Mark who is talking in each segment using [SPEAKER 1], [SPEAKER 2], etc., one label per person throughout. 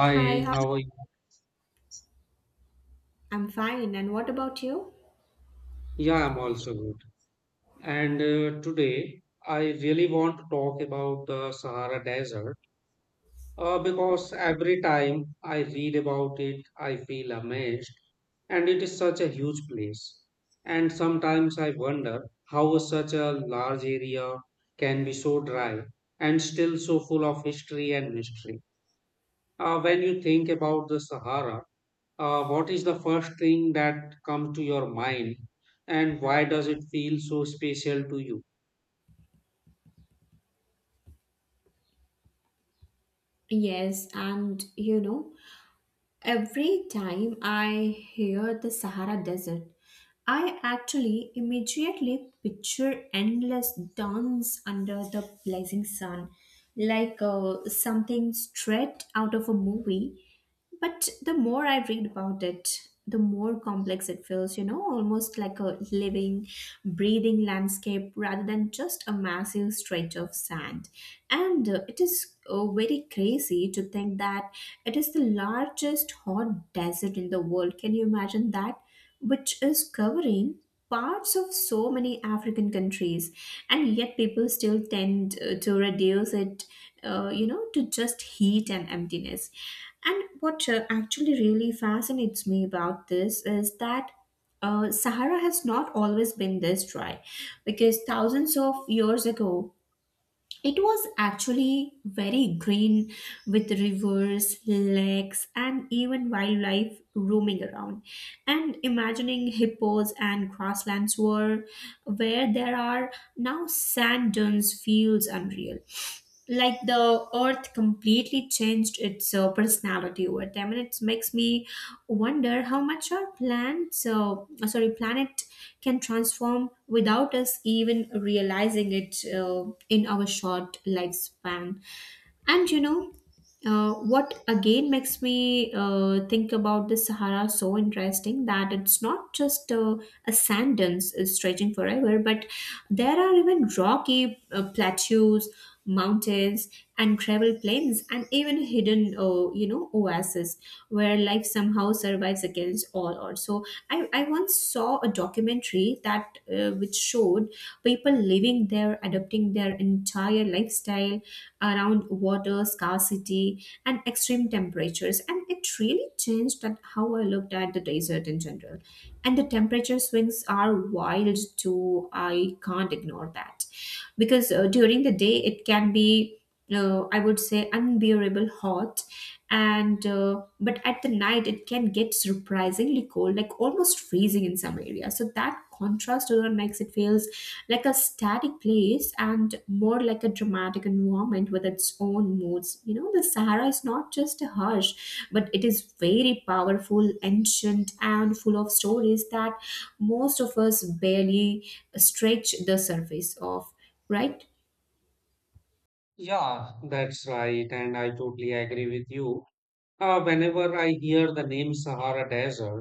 [SPEAKER 1] Hi, how?
[SPEAKER 2] how are you?
[SPEAKER 1] I'm fine. And what about you?
[SPEAKER 2] Yeah, I'm also good. And today I really want to talk about the Sahara Desert because every time I read about it, I feel amazed. And it is such a huge place. And sometimes I wonder how such a large area can be so dry and still so full of history and mystery. When you think about the Sahara, what is the first thing that comes to your mind, and why does it feel so special to you?
[SPEAKER 1] Yes, and you know, every time I hear the Sahara Desert, I actually immediately picture endless dunes under the blazing sun, like something straight out of a movie. But the more I read about it, the more complex it feels, you know, almost like a living, breathing landscape rather than just a massive stretch of sand. And it is very crazy to think that it is the largest hot desert in the world. Can you imagine that? Which is covering parts of so many African countries, and yet people still tend to reduce it, you know, to just heat and emptiness. And what actually really fascinates me about this is that Sahara has not always been this dry, because thousands of years ago, it was actually very green with rivers, lakes, and even wildlife roaming around. And imagining hippos and grasslands were where there are now sand dunes feels unreal, like the earth completely changed its personality over time. And it makes me wonder how much our plants sorry, planet can transform without us even realizing it in our short lifespan. And you know, what again makes me think about the Sahara so interesting, that it's not just a sand dunes stretching forever, but there are even rocky plateaus, mountains, and gravel plains, and even hidden, you know, oases where life somehow survives against all odds. So I once saw a documentary that which showed people living there, adopting their entire lifestyle around water scarcity and extreme temperatures, and it really changed that how I looked at the desert in general. And the temperature swings are wild too, I can't ignore that, because during the day it can be I would say unbearable hot, and but at the night it can get surprisingly cold, like almost freezing in some areas, so that contrast alone makes it feel like a static place and more like a dramatic environment with its own moods. You know, the Sahara is not just a hush, but it is very powerful, ancient, and full of stories that most of us barely stretch the surface of, right?
[SPEAKER 2] Yeah, that's right, and I totally agree with you. Whenever I hear the name Sahara Desert,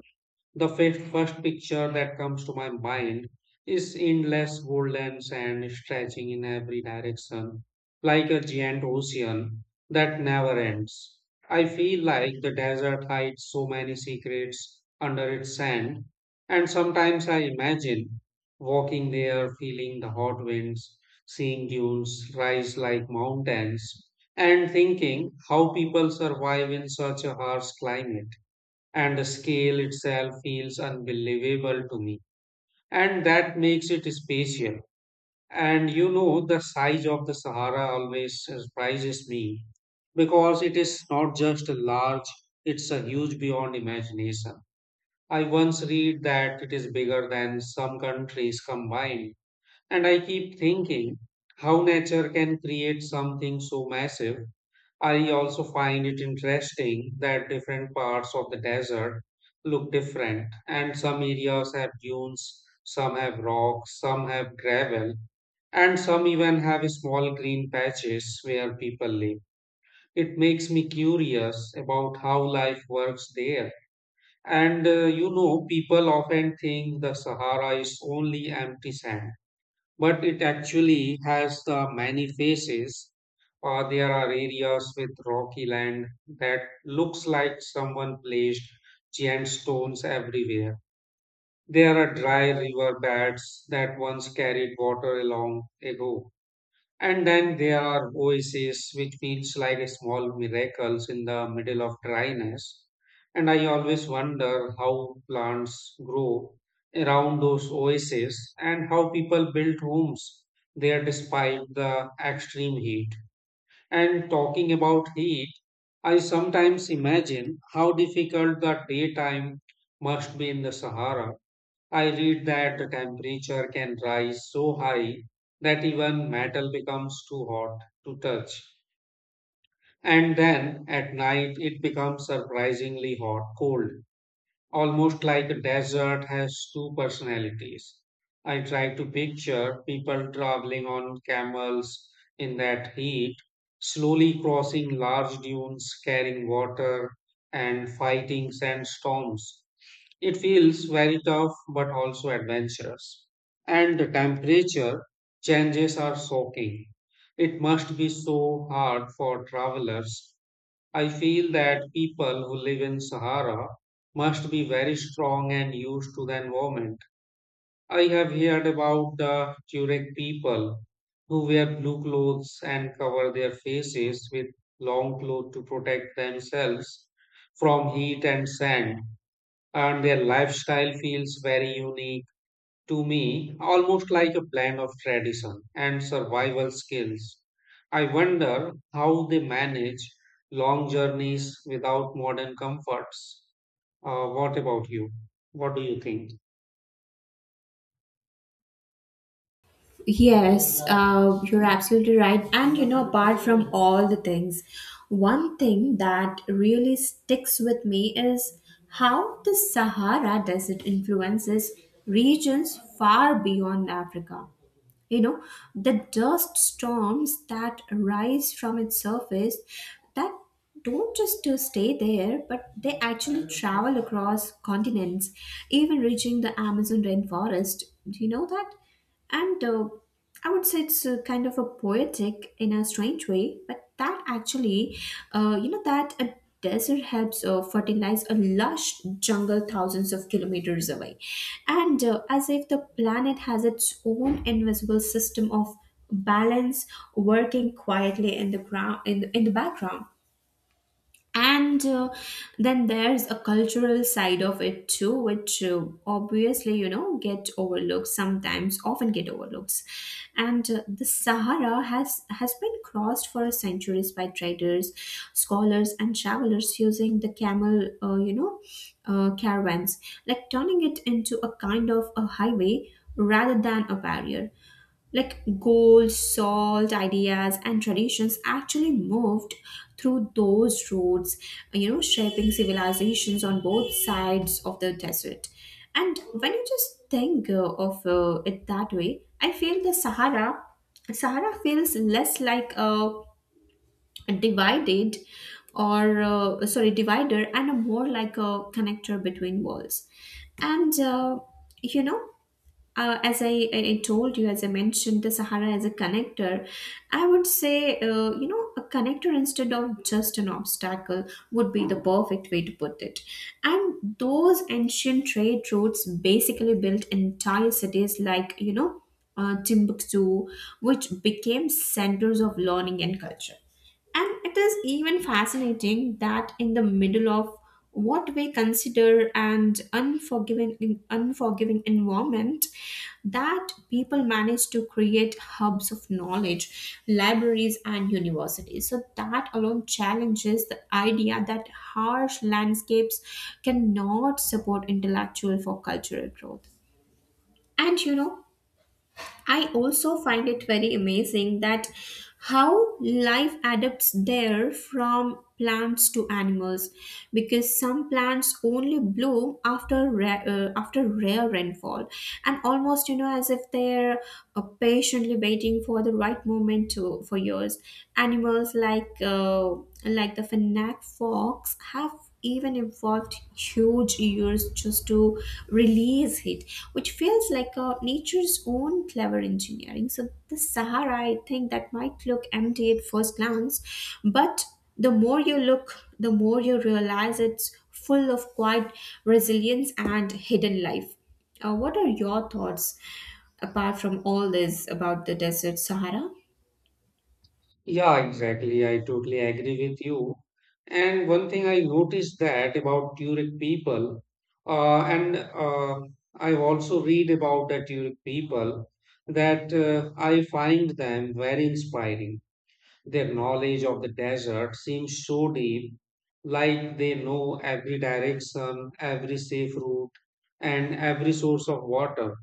[SPEAKER 2] the first picture that comes to my mind is endless golden sand stretching in every direction, like a giant ocean that never ends. I feel like the desert hides so many secrets under its sand, and sometimes I imagine walking there, feeling the hot winds, seeing dunes rise like mountains, and thinking how people survive in such a harsh climate and the scale itself feels unbelievable to me. And that makes it spatial. And you know, the size of the Sahara always surprises me because it is not just large, it's a huge beyond imagination. I once read that it is bigger than some countries combined. And I keep thinking how nature can create something so massive. I also find it interesting that different parts of the desert look different, and some areas have dunes, some have rocks, some have gravel, and some even have small green patches where people live. It makes me curious about how life works there. And you know, people often think the Sahara is only empty sand but it actually has the many faces. Or there are areas with rocky land that looks like someone placed giant stones everywhere. There are dry river beds that once carried water along ago. And then there are oases, which feels like a small miracles in the middle of dryness. And I always wonder how plants grow around those oases and how people build homes there despite the extreme heat. And talking about heat, I sometimes imagine how difficult the daytime must be in the Sahara. I read that the temperature can rise so high that even metal becomes too hot to touch. And then at night it becomes surprisingly hot, cold, almost like a desert has two personalities. I try to picture people traveling on camels in that heat, slowly crossing large dunes, carrying water, and fighting sandstorms. It feels very tough but also adventurous. And the temperature changes are shocking. It must be so hard for travelers. I feel that people who live in Sahara must be very strong and used to the environment. I have heard about the Tuareg people who wear blue clothes and cover their faces with long clothes to protect themselves from heat and sand and their lifestyle feels very unique to me, almost like a blend of tradition and survival skills. I wonder how they manage long journeys without modern comforts. What about you? What do you think?
[SPEAKER 1] Yes, you're absolutely right. And you know, apart from all the things, one thing that really sticks with me is how the Sahara Desert influences regions far beyond Africa, you know, the dust storms that rise from its surface that don't just stay there, but they actually travel across continents, even reaching the Amazon rainforest. Do you know that? And I would say it's a kind of a poetic in a strange way, but that actually, you know, that a desert helps fertilize a lush jungle thousands of kilometers away. And as if the planet has its own invisible system of balance, working quietly in the ground in the background. And then there's a cultural side of it too, which obviously, you know, get overlooked sometimes, often get overlooked. And the Sahara has been crossed for centuries by traders, scholars, and travelers using the camel, you know, caravans, like turning it into a kind of a highway rather than a barrier, like gold, salt, ideas, and traditions actually moved through those roads, you know, shaping civilizations on both sides of the desert. And when you just think of it that way, I feel the Sahara feels less like a divided or sorry, divider and a more like a connector between worlds. And you know, as I told you, as I mentioned, the Sahara as a connector, I would say, you know, a connector instead of just an obstacle would be the perfect way to put it. And those ancient trade routes basically built entire cities like, you know, Timbuktu, which became centers of learning and culture. And it is even fascinating that in the middle of what we consider an unforgiving environment, that people manage to create hubs of knowledge, libraries, and universities. So that alone challenges the idea that harsh landscapes cannot support intellectual for cultural growth. And you know, I also find it very amazing that how life adapts there, from plants to animals, because some plants only bloom after rare rainfall, and almost, you know, as if they're patiently waiting for the right moment to for years. Animals like the fennec fox have even involved huge years just to release it, which feels like a nature's own clever engineering. So the Sahara, I think, that might look empty at first glance, but the more you look, the more you realize it's full of quiet resilience and hidden life. What are your thoughts apart from all this about the desert Sahara?
[SPEAKER 2] Yeah, exactly. I totally agree with you. And one thing I noticed that about Turek people, and I also read about the Turek people, that I find them very inspiring. Their knowledge of the desert seems so deep, like they know every direction, every safe route, and every source of water.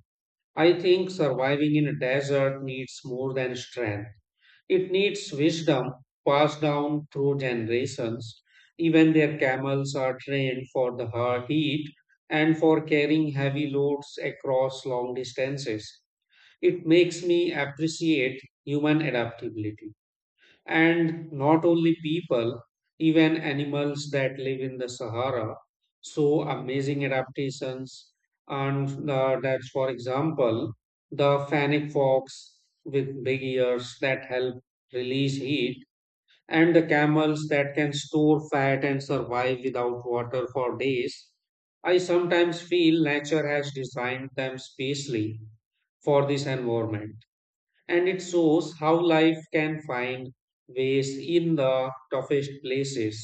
[SPEAKER 2] I think surviving in a desert needs more than strength. It needs wisdom passed down through generations. Even their camels are trained for the hard heat and for carrying heavy loads across long distances. It makes me appreciate human adaptability and not only people, even animals that live in the Sahara show amazing adaptations. And that's, for example, the fennec fox with big ears that help release heat, and the camels that can store fat and survive without water for days. I sometimes feel nature has designed them specially for this environment and it shows how life can find ways in the toughest places.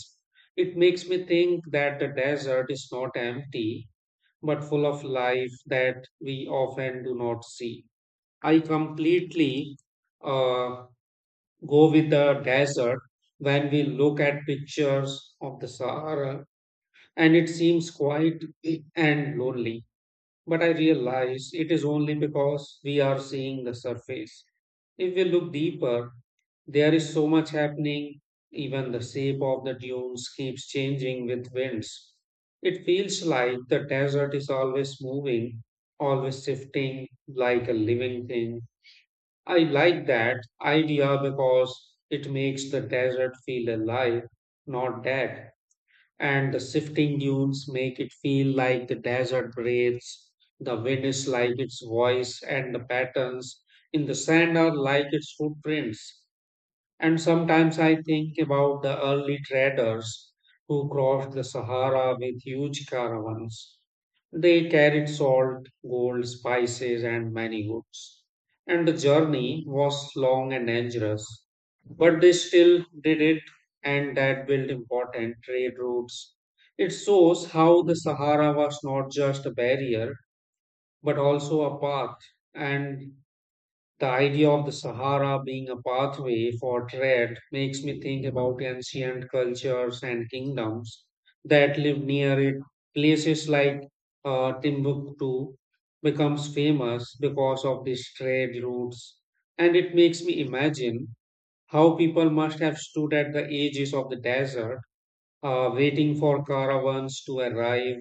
[SPEAKER 2] It makes me think that the desert is not empty, but full of life that we often do not see. I completely uh, go with the desert when we look at pictures of the Sahara, and it seems quiet and lonely. But I realize it is only because we are seeing the surface. If we look deeper, there is so much happening, even the shape of the dunes keeps changing with winds. It feels like the desert is always moving, always shifting, like a living thing. I like that idea because it makes the desert feel alive, not dead and the shifting dunes make it feel like the desert breathes. The wind is like its voice, and the patterns in the sand are like its footprints. And sometimes I think about the early traders who crossed the Sahara with huge caravans. They carried salt, gold, spices, and many goods. And the journey was long and dangerous, but they still did it, and that built important trade routes. It shows how the Sahara was not just a barrier, but also a path. And the idea of the Sahara being a pathway for trade makes me think about ancient cultures and kingdoms that live near it. Places like Timbuktu becomes famous because of these trade routes, and it makes me imagine how people must have stood at the edges of the desert waiting for caravans to arrive,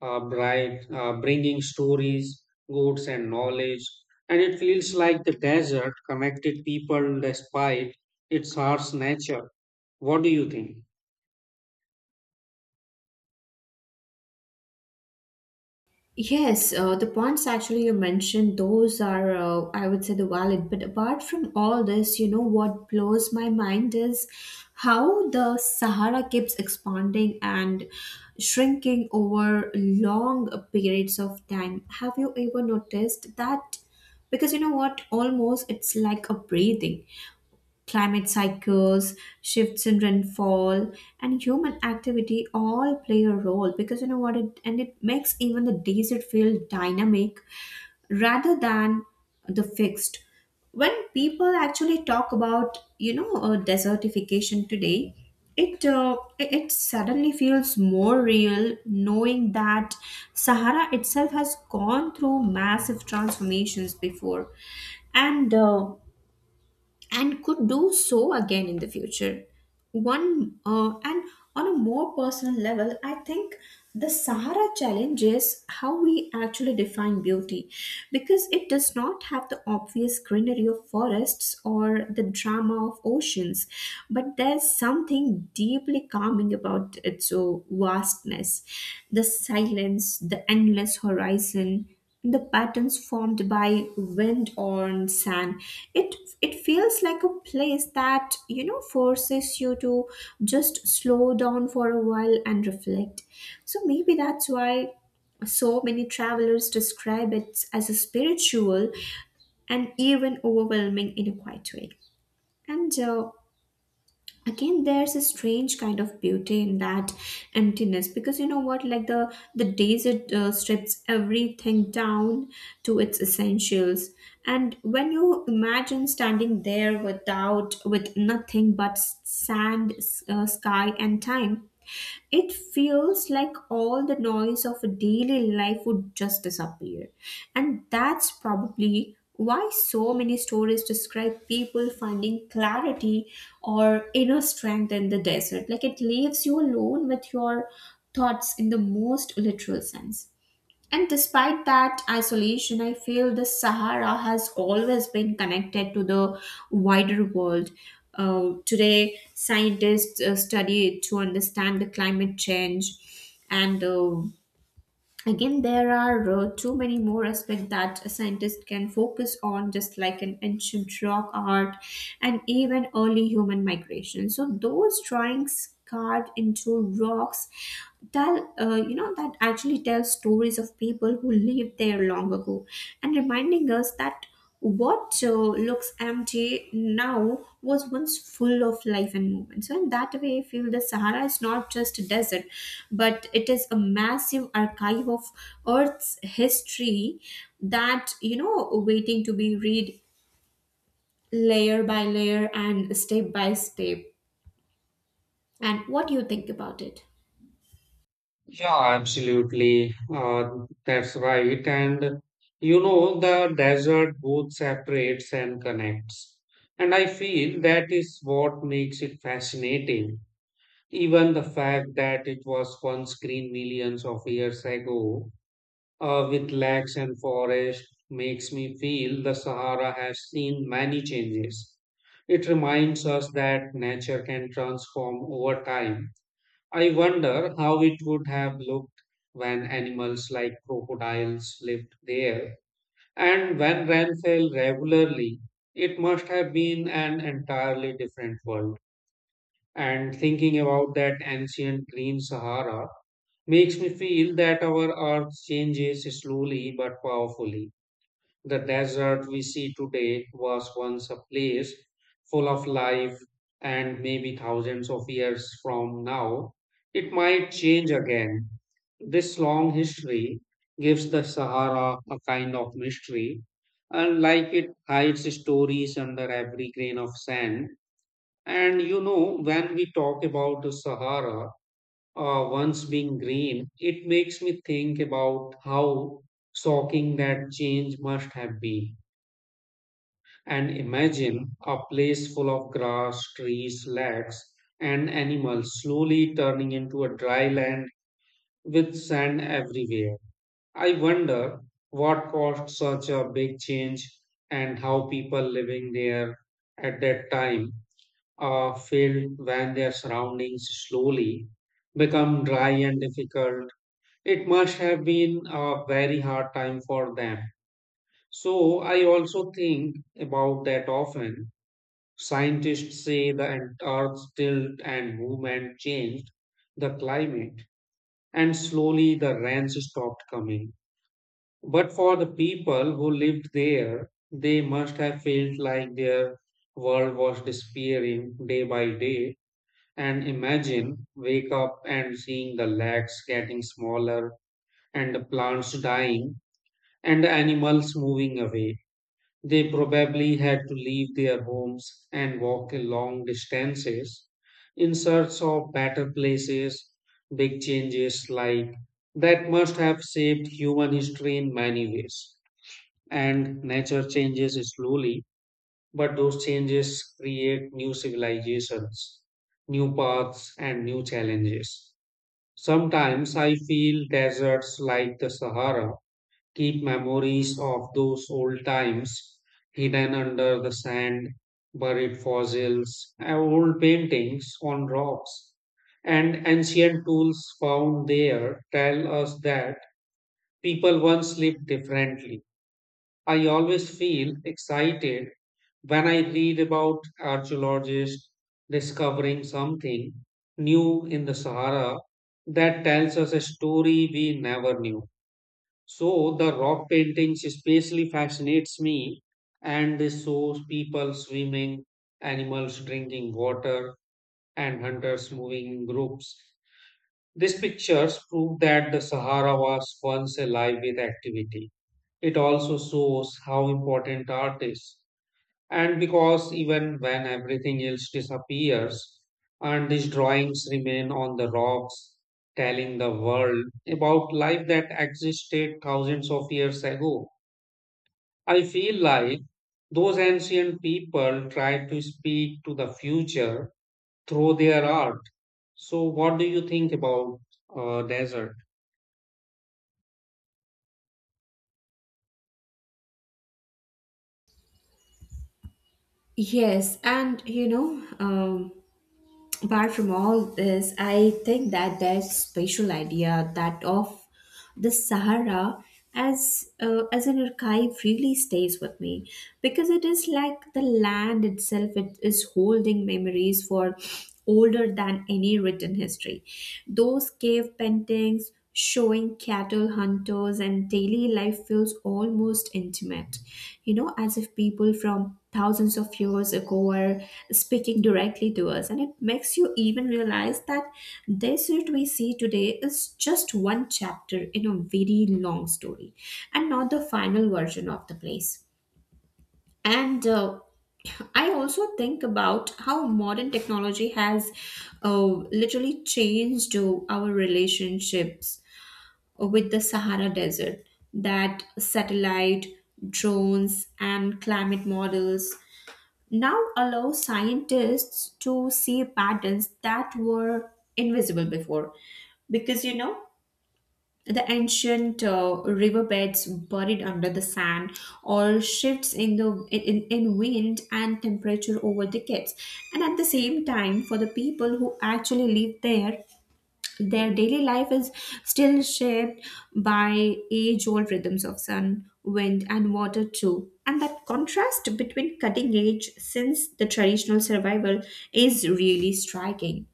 [SPEAKER 2] bringing stories, goods, and knowledge. And it feels like the desert connected people despite its harsh nature. What do you think?
[SPEAKER 1] Yes, the points actually you mentioned, those are, I would say, the valid. But apart from all this, you know, what blows my mind is how the Sahara keeps expanding and shrinking over long periods of time. Have you ever noticed that? Because you know what, almost it's like a breathing. Climate cycles, shifts in rainfall, and human activity all play a role, because you know what, it and it makes even the desert feel dynamic rather than the fixed. When people actually talk about, you know, desertification today, it suddenly feels more real knowing that Sahara itself has gone through massive transformations before, and. And could do so again in the future. One and On a more personal level, I think the Sahara challenge is how we actually define beauty, because it does not have the obvious greenery of forests or the drama of oceans, but there's something deeply calming about its vastness, the silence, the endless horizon, the patterns formed by wind on sand. it it feels like a place that, you know, forces you to just slow down for a while and reflect. So maybe that's why so many travelers describe it as a spiritual and even overwhelming in a quiet way. And again, there's a strange kind of beauty in that emptiness, because you know what, like the desert strips everything down to its essentials. And when you imagine standing there with nothing but sand, sky, and time, it feels like all the noise of a daily life would just disappear. And that's probably why so many stories describe people finding clarity or inner strength in the desert, like it leaves you alone with your thoughts in the most literal sense. And despite that isolation, I feel the Sahara has always been connected to the wider world. Today, scientists study it to understand the climate change, and again, there are too many more aspects that a scientist can focus on, just like an ancient rock art and even early human migration. So those drawings carved into rocks tell you know, that actually tell stories of people who lived there long ago, and reminding us that what looks empty now was once full of life and movement. So, in that way, I feel the Sahara is not just a desert, but it is a massive archive of Earth's history that, you know, waiting to be read layer by layer and step by step. And what do you think about it?
[SPEAKER 2] Yeah, absolutely. That's right. And you know, the desert both separates and connects. And I feel that is what makes it fascinating. Even the fact that it was once green millions of years ago, with lakes and forests, makes me feel the Sahara has seen many changes. It reminds us that nature can transform over time. I wonder how it would have looked when animals like crocodiles lived there, and when rain fell regularly. It must have been an entirely different world. And thinking about that ancient green Sahara makes me feel that our earth changes slowly but powerfully. The desert we see today was once a place full of life, and maybe thousands of years from now, it might change again. This long history gives the Sahara a kind of mystery, and like it hides stories under every grain of sand and you know, when we talk about the Sahara once being green, it makes me think about how shocking that change must have been. And imagine a place full of grass, trees, lakes, and animals slowly turning into a dry land with sand everywhere. I wonder what caused such a big change and how people living there at that time filled when their surroundings slowly become dry and difficult. It must have been a very hard time for them. So, I also think about that often. Scientists say the Earth's tilt and movement changed the climate, and slowly the rains stopped coming. But for the people who lived there, they must have felt like their world was disappearing day by day and imagine wake up and seeing the lakes getting smaller and the plants dying and the animals moving away. They probably had to leave their homes and walk long distances in search of better places. Big changes like that must have shaped human history in many ways. And nature changes slowly but those changes create new civilizations, new paths, and new challenges. Sometimes I feel deserts like the Sahara keep memories of those old times hidden under the sand, buried fossils, old paintings on rocks, and ancient tools found there tell us that people once lived differently. I always feel excited when I read about archaeologists discovering something new in the Sahara that tells us a story we never knew. So the rock paintings especially fascinates me and this shows people swimming, animals drinking water and hunters moving in groups. These pictures prove that the Sahara was once alive with activity. It also shows how important art is. And because even when everything else disappears, and these drawings remain on the rocks, telling the world about life that existed thousands of years ago. I feel like those ancient people tried to speak to the future through their art. So, what do you think about desert?
[SPEAKER 1] Yes, and you know, um, apart from all this, I think that there's spatial idea that of the Sahara as an archive really stays with me, because it is like the land itself, it is holding memories for older than any written history. Those cave paintings showing cattle hunters and daily life feels almost intimate, you know, as if people from thousands of years ago are speaking directly to us. And it makes you even realize that this earth we see today is just one chapter in a very long story, and not the final version of the place. And I also think about how modern technology has literally changed our relationships with the Sahara Desert. That satellite, drones, and climate models now allow scientists to see patterns that were invisible before. Because you know, the ancient riverbeds buried under the sand, or shifts in the in wind and temperature over decades, and at the same time, for the people who actually live there, their daily life is still shaped by age old rhythms of sun, wind, and water, too. And that contrast between cutting edge since the traditional survival is really striking.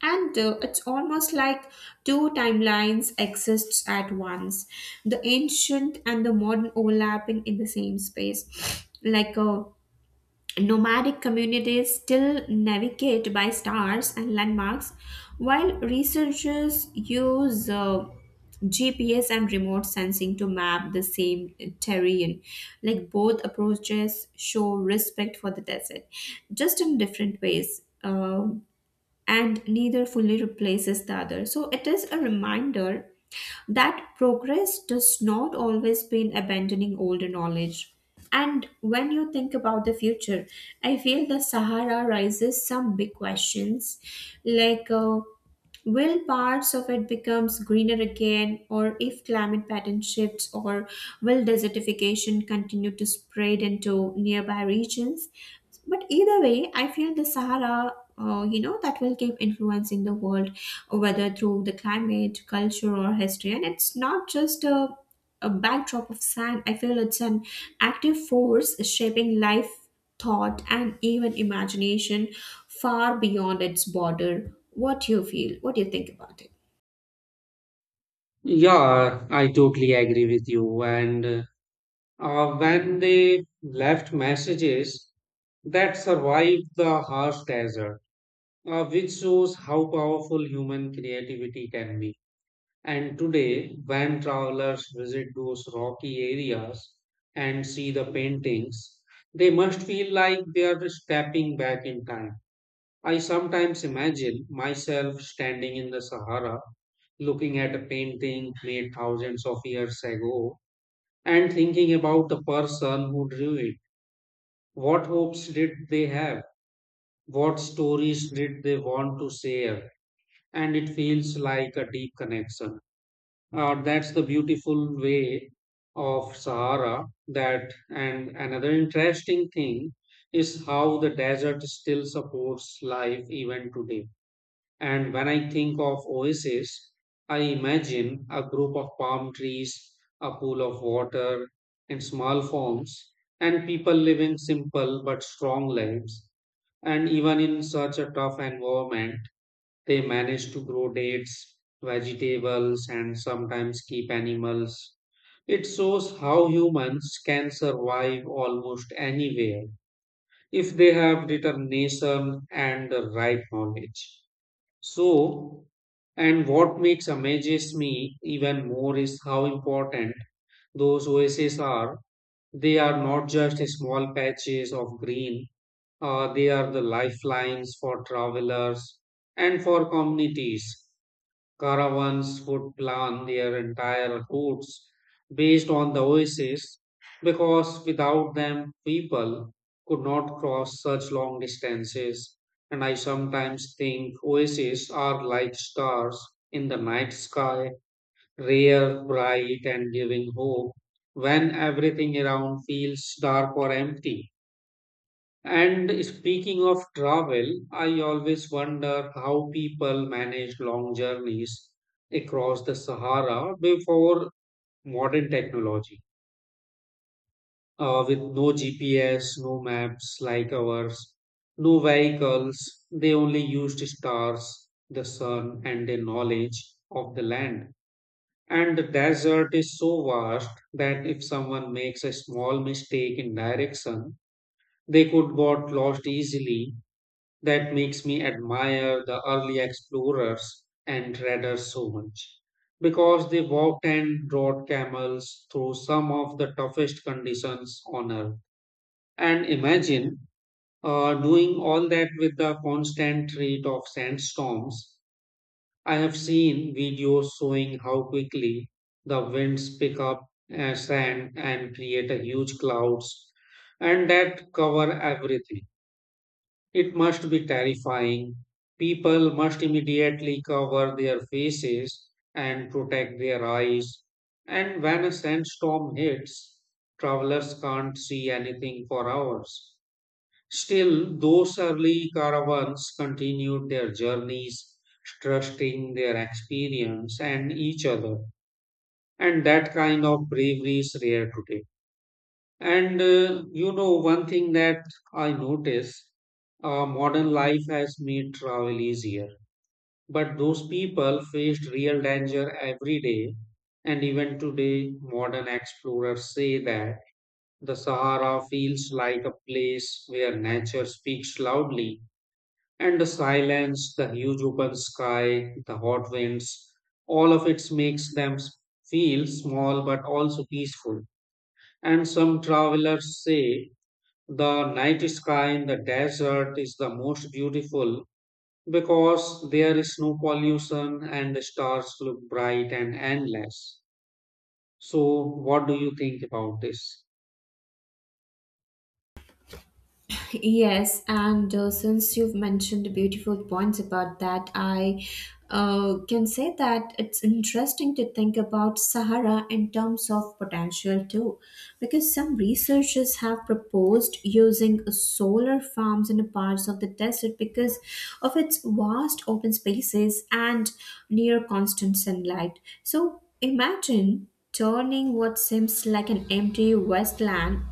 [SPEAKER 1] And it's almost like two timelines exists at once, the ancient and the modern overlapping in the same space, like a Nomadic communities still navigate by stars and landmarks, while researchers use GPS and remote sensing to map the same terrain. Like both approaches show respect for the desert, just in different ways, and neither fully replaces the other. So it is a reminder that progress does not always mean abandoning older knowledge. And when you think about the future, I feel the Sahara raises some big questions like will parts of it becomes greener again or if climate pattern shifts or will desertification continue to spread into nearby regions, but either way, I feel the Sahara, that will keep influencing the world, whether through the climate, culture, or history. And it's not just a backdrop of sand. I feel it's an active force shaping life, thought, and even imagination far beyond its border. What do you feel? What do you think about it?
[SPEAKER 2] Yeah, I totally agree with you. And when they left messages that survived the harsh desert, which shows how powerful human creativity can be. And today, when travelers visit those rocky areas and see the paintings, they must feel like they are stepping back in time. I sometimes imagine myself standing in the Sahara looking at a painting made thousands of years ago and thinking about the person who drew it. What hopes did they have? What stories did they want to share? And it feels like a deep connection. That's the beautiful way of Sahara. That and another interesting thing is how the desert still supports life even today. And when I think of oasis, I imagine a group of palm trees, a pool of water, and small farms, and people living simple but strong lives. And even in such a tough environment, they manage to grow dates, vegetables, and sometimes keep animals. It shows how humans can survive almost anywhere if they have determination and the right knowledge. So, and what makes amazes me even more is how important those oases are. They are not just small patches of green, they are the lifelines for travelers and for communities. Caravans would plan their entire routes based on the oases because without them, people could not cross such long distances. And I sometimes think oases are like stars in the night sky, rare, bright, and giving hope when everything around feels dark or empty. And speaking of travel, I always wonder how people manage long journeys across the Sahara before modern technology, with no GPS, no maps like ours, no vehicles. They only used stars, the sun, and their knowledge of the land. And the desert is so vast that if someone makes a small mistake in direction, they could got lost easily that makes me admire the early explorers and traders so much because they walked and rode camels through some of the toughest conditions on earth. And imagine doing all that with the constant rate of sandstorms. I have seen videos showing how quickly the winds pick up sand and create a huge clouds and that cover everything it must be terrifying. People must immediately cover their faces and protect their eyes. And when a sandstorm hits, travelers can't see anything for hours. Still, those early caravans continued their journeys, trusting their experience and each other. And that kind of bravery is rare today. And you know, one thing that I notice modern life has made travel easier. But those people faced real danger every day. And even today, modern explorers say that the Sahara feels like a place where nature speaks loudly. And the silence, the huge open sky, the hot winds, all of it makes them feel small but also peaceful. And some travelers say the night sky in the desert is the most beautiful because there is no pollution and the stars look bright and endless. So, what do you think about this?
[SPEAKER 1] Yes, and since you've mentioned beautiful points about that, I can say that it's interesting to think about Sahara in terms of potential too, because some researchers have proposed using solar farms in parts of the desert because of its vast open spaces and near constant sunlight. So imagine turning what seems like an empty wasteland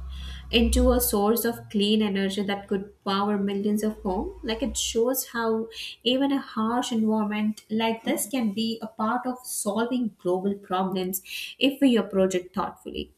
[SPEAKER 1] into a source of clean energy that could power millions of homes. Like it shows how even a harsh environment like this can be a part of solving global problems if we approach it thoughtfully.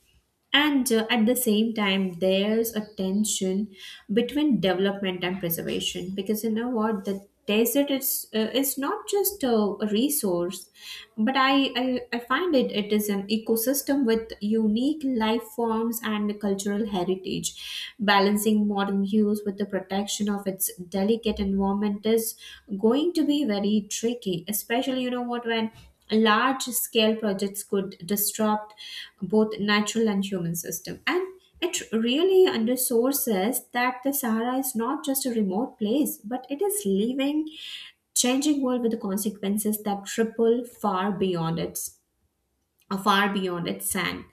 [SPEAKER 1] And at the same time, there's a tension between development and preservation, because you know what, the desert is not just a resource, but I find it it is an ecosystem with unique life forms and cultural heritage. Balancing modern use with the protection of its delicate environment is going to be very tricky, especially you know what, when large scale projects could disrupt both natural and human system, and it really underscores that the sahara is not just a remote place but it is living changing world with the consequences that ripple far beyond it, far beyond its sand.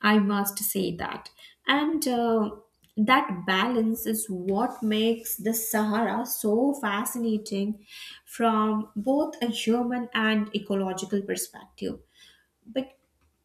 [SPEAKER 1] I must say that. And that balance is what makes the Sahara so fascinating from both a human and ecological perspective, but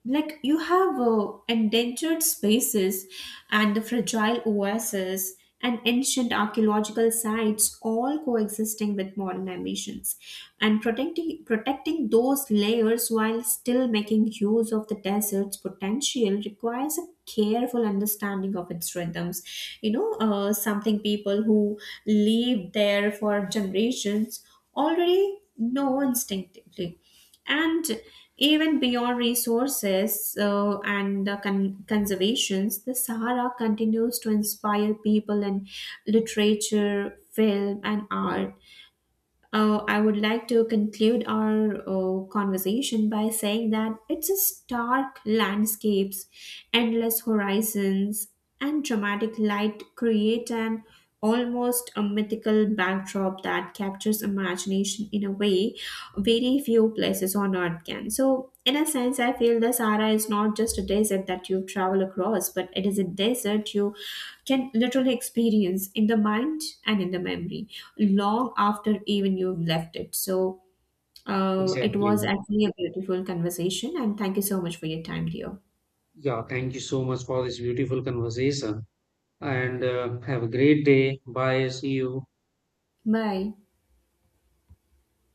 [SPEAKER 1] like you have endangered spaces and the fragile oases and ancient archaeological sites all coexisting with modern ambitions, and protecting those layers while still making use of the desert's potential requires a careful understanding of its rhythms, you know, something people who live there for generations already know instinctively. And even beyond resources and the conservations, the Sahara continues to inspire people in literature, film, and art. I would like to conclude our conversation by saying that it's a stark landscapes, endless horizons, and dramatic light create an almost a mythical backdrop that captures imagination in a way very few places on earth can. So in a sense, I feel the Sahara is not just a desert that you travel across, but it is a desert you can literally experience in the mind and in the memory long after even you've left it. So it
[SPEAKER 2] Exactly.
[SPEAKER 1] was actually a beautiful conversation, and thank you so much for your time, dear.
[SPEAKER 2] Yeah, thank you so much for this beautiful conversation and have a great day. Bye. See you.
[SPEAKER 1] Bye.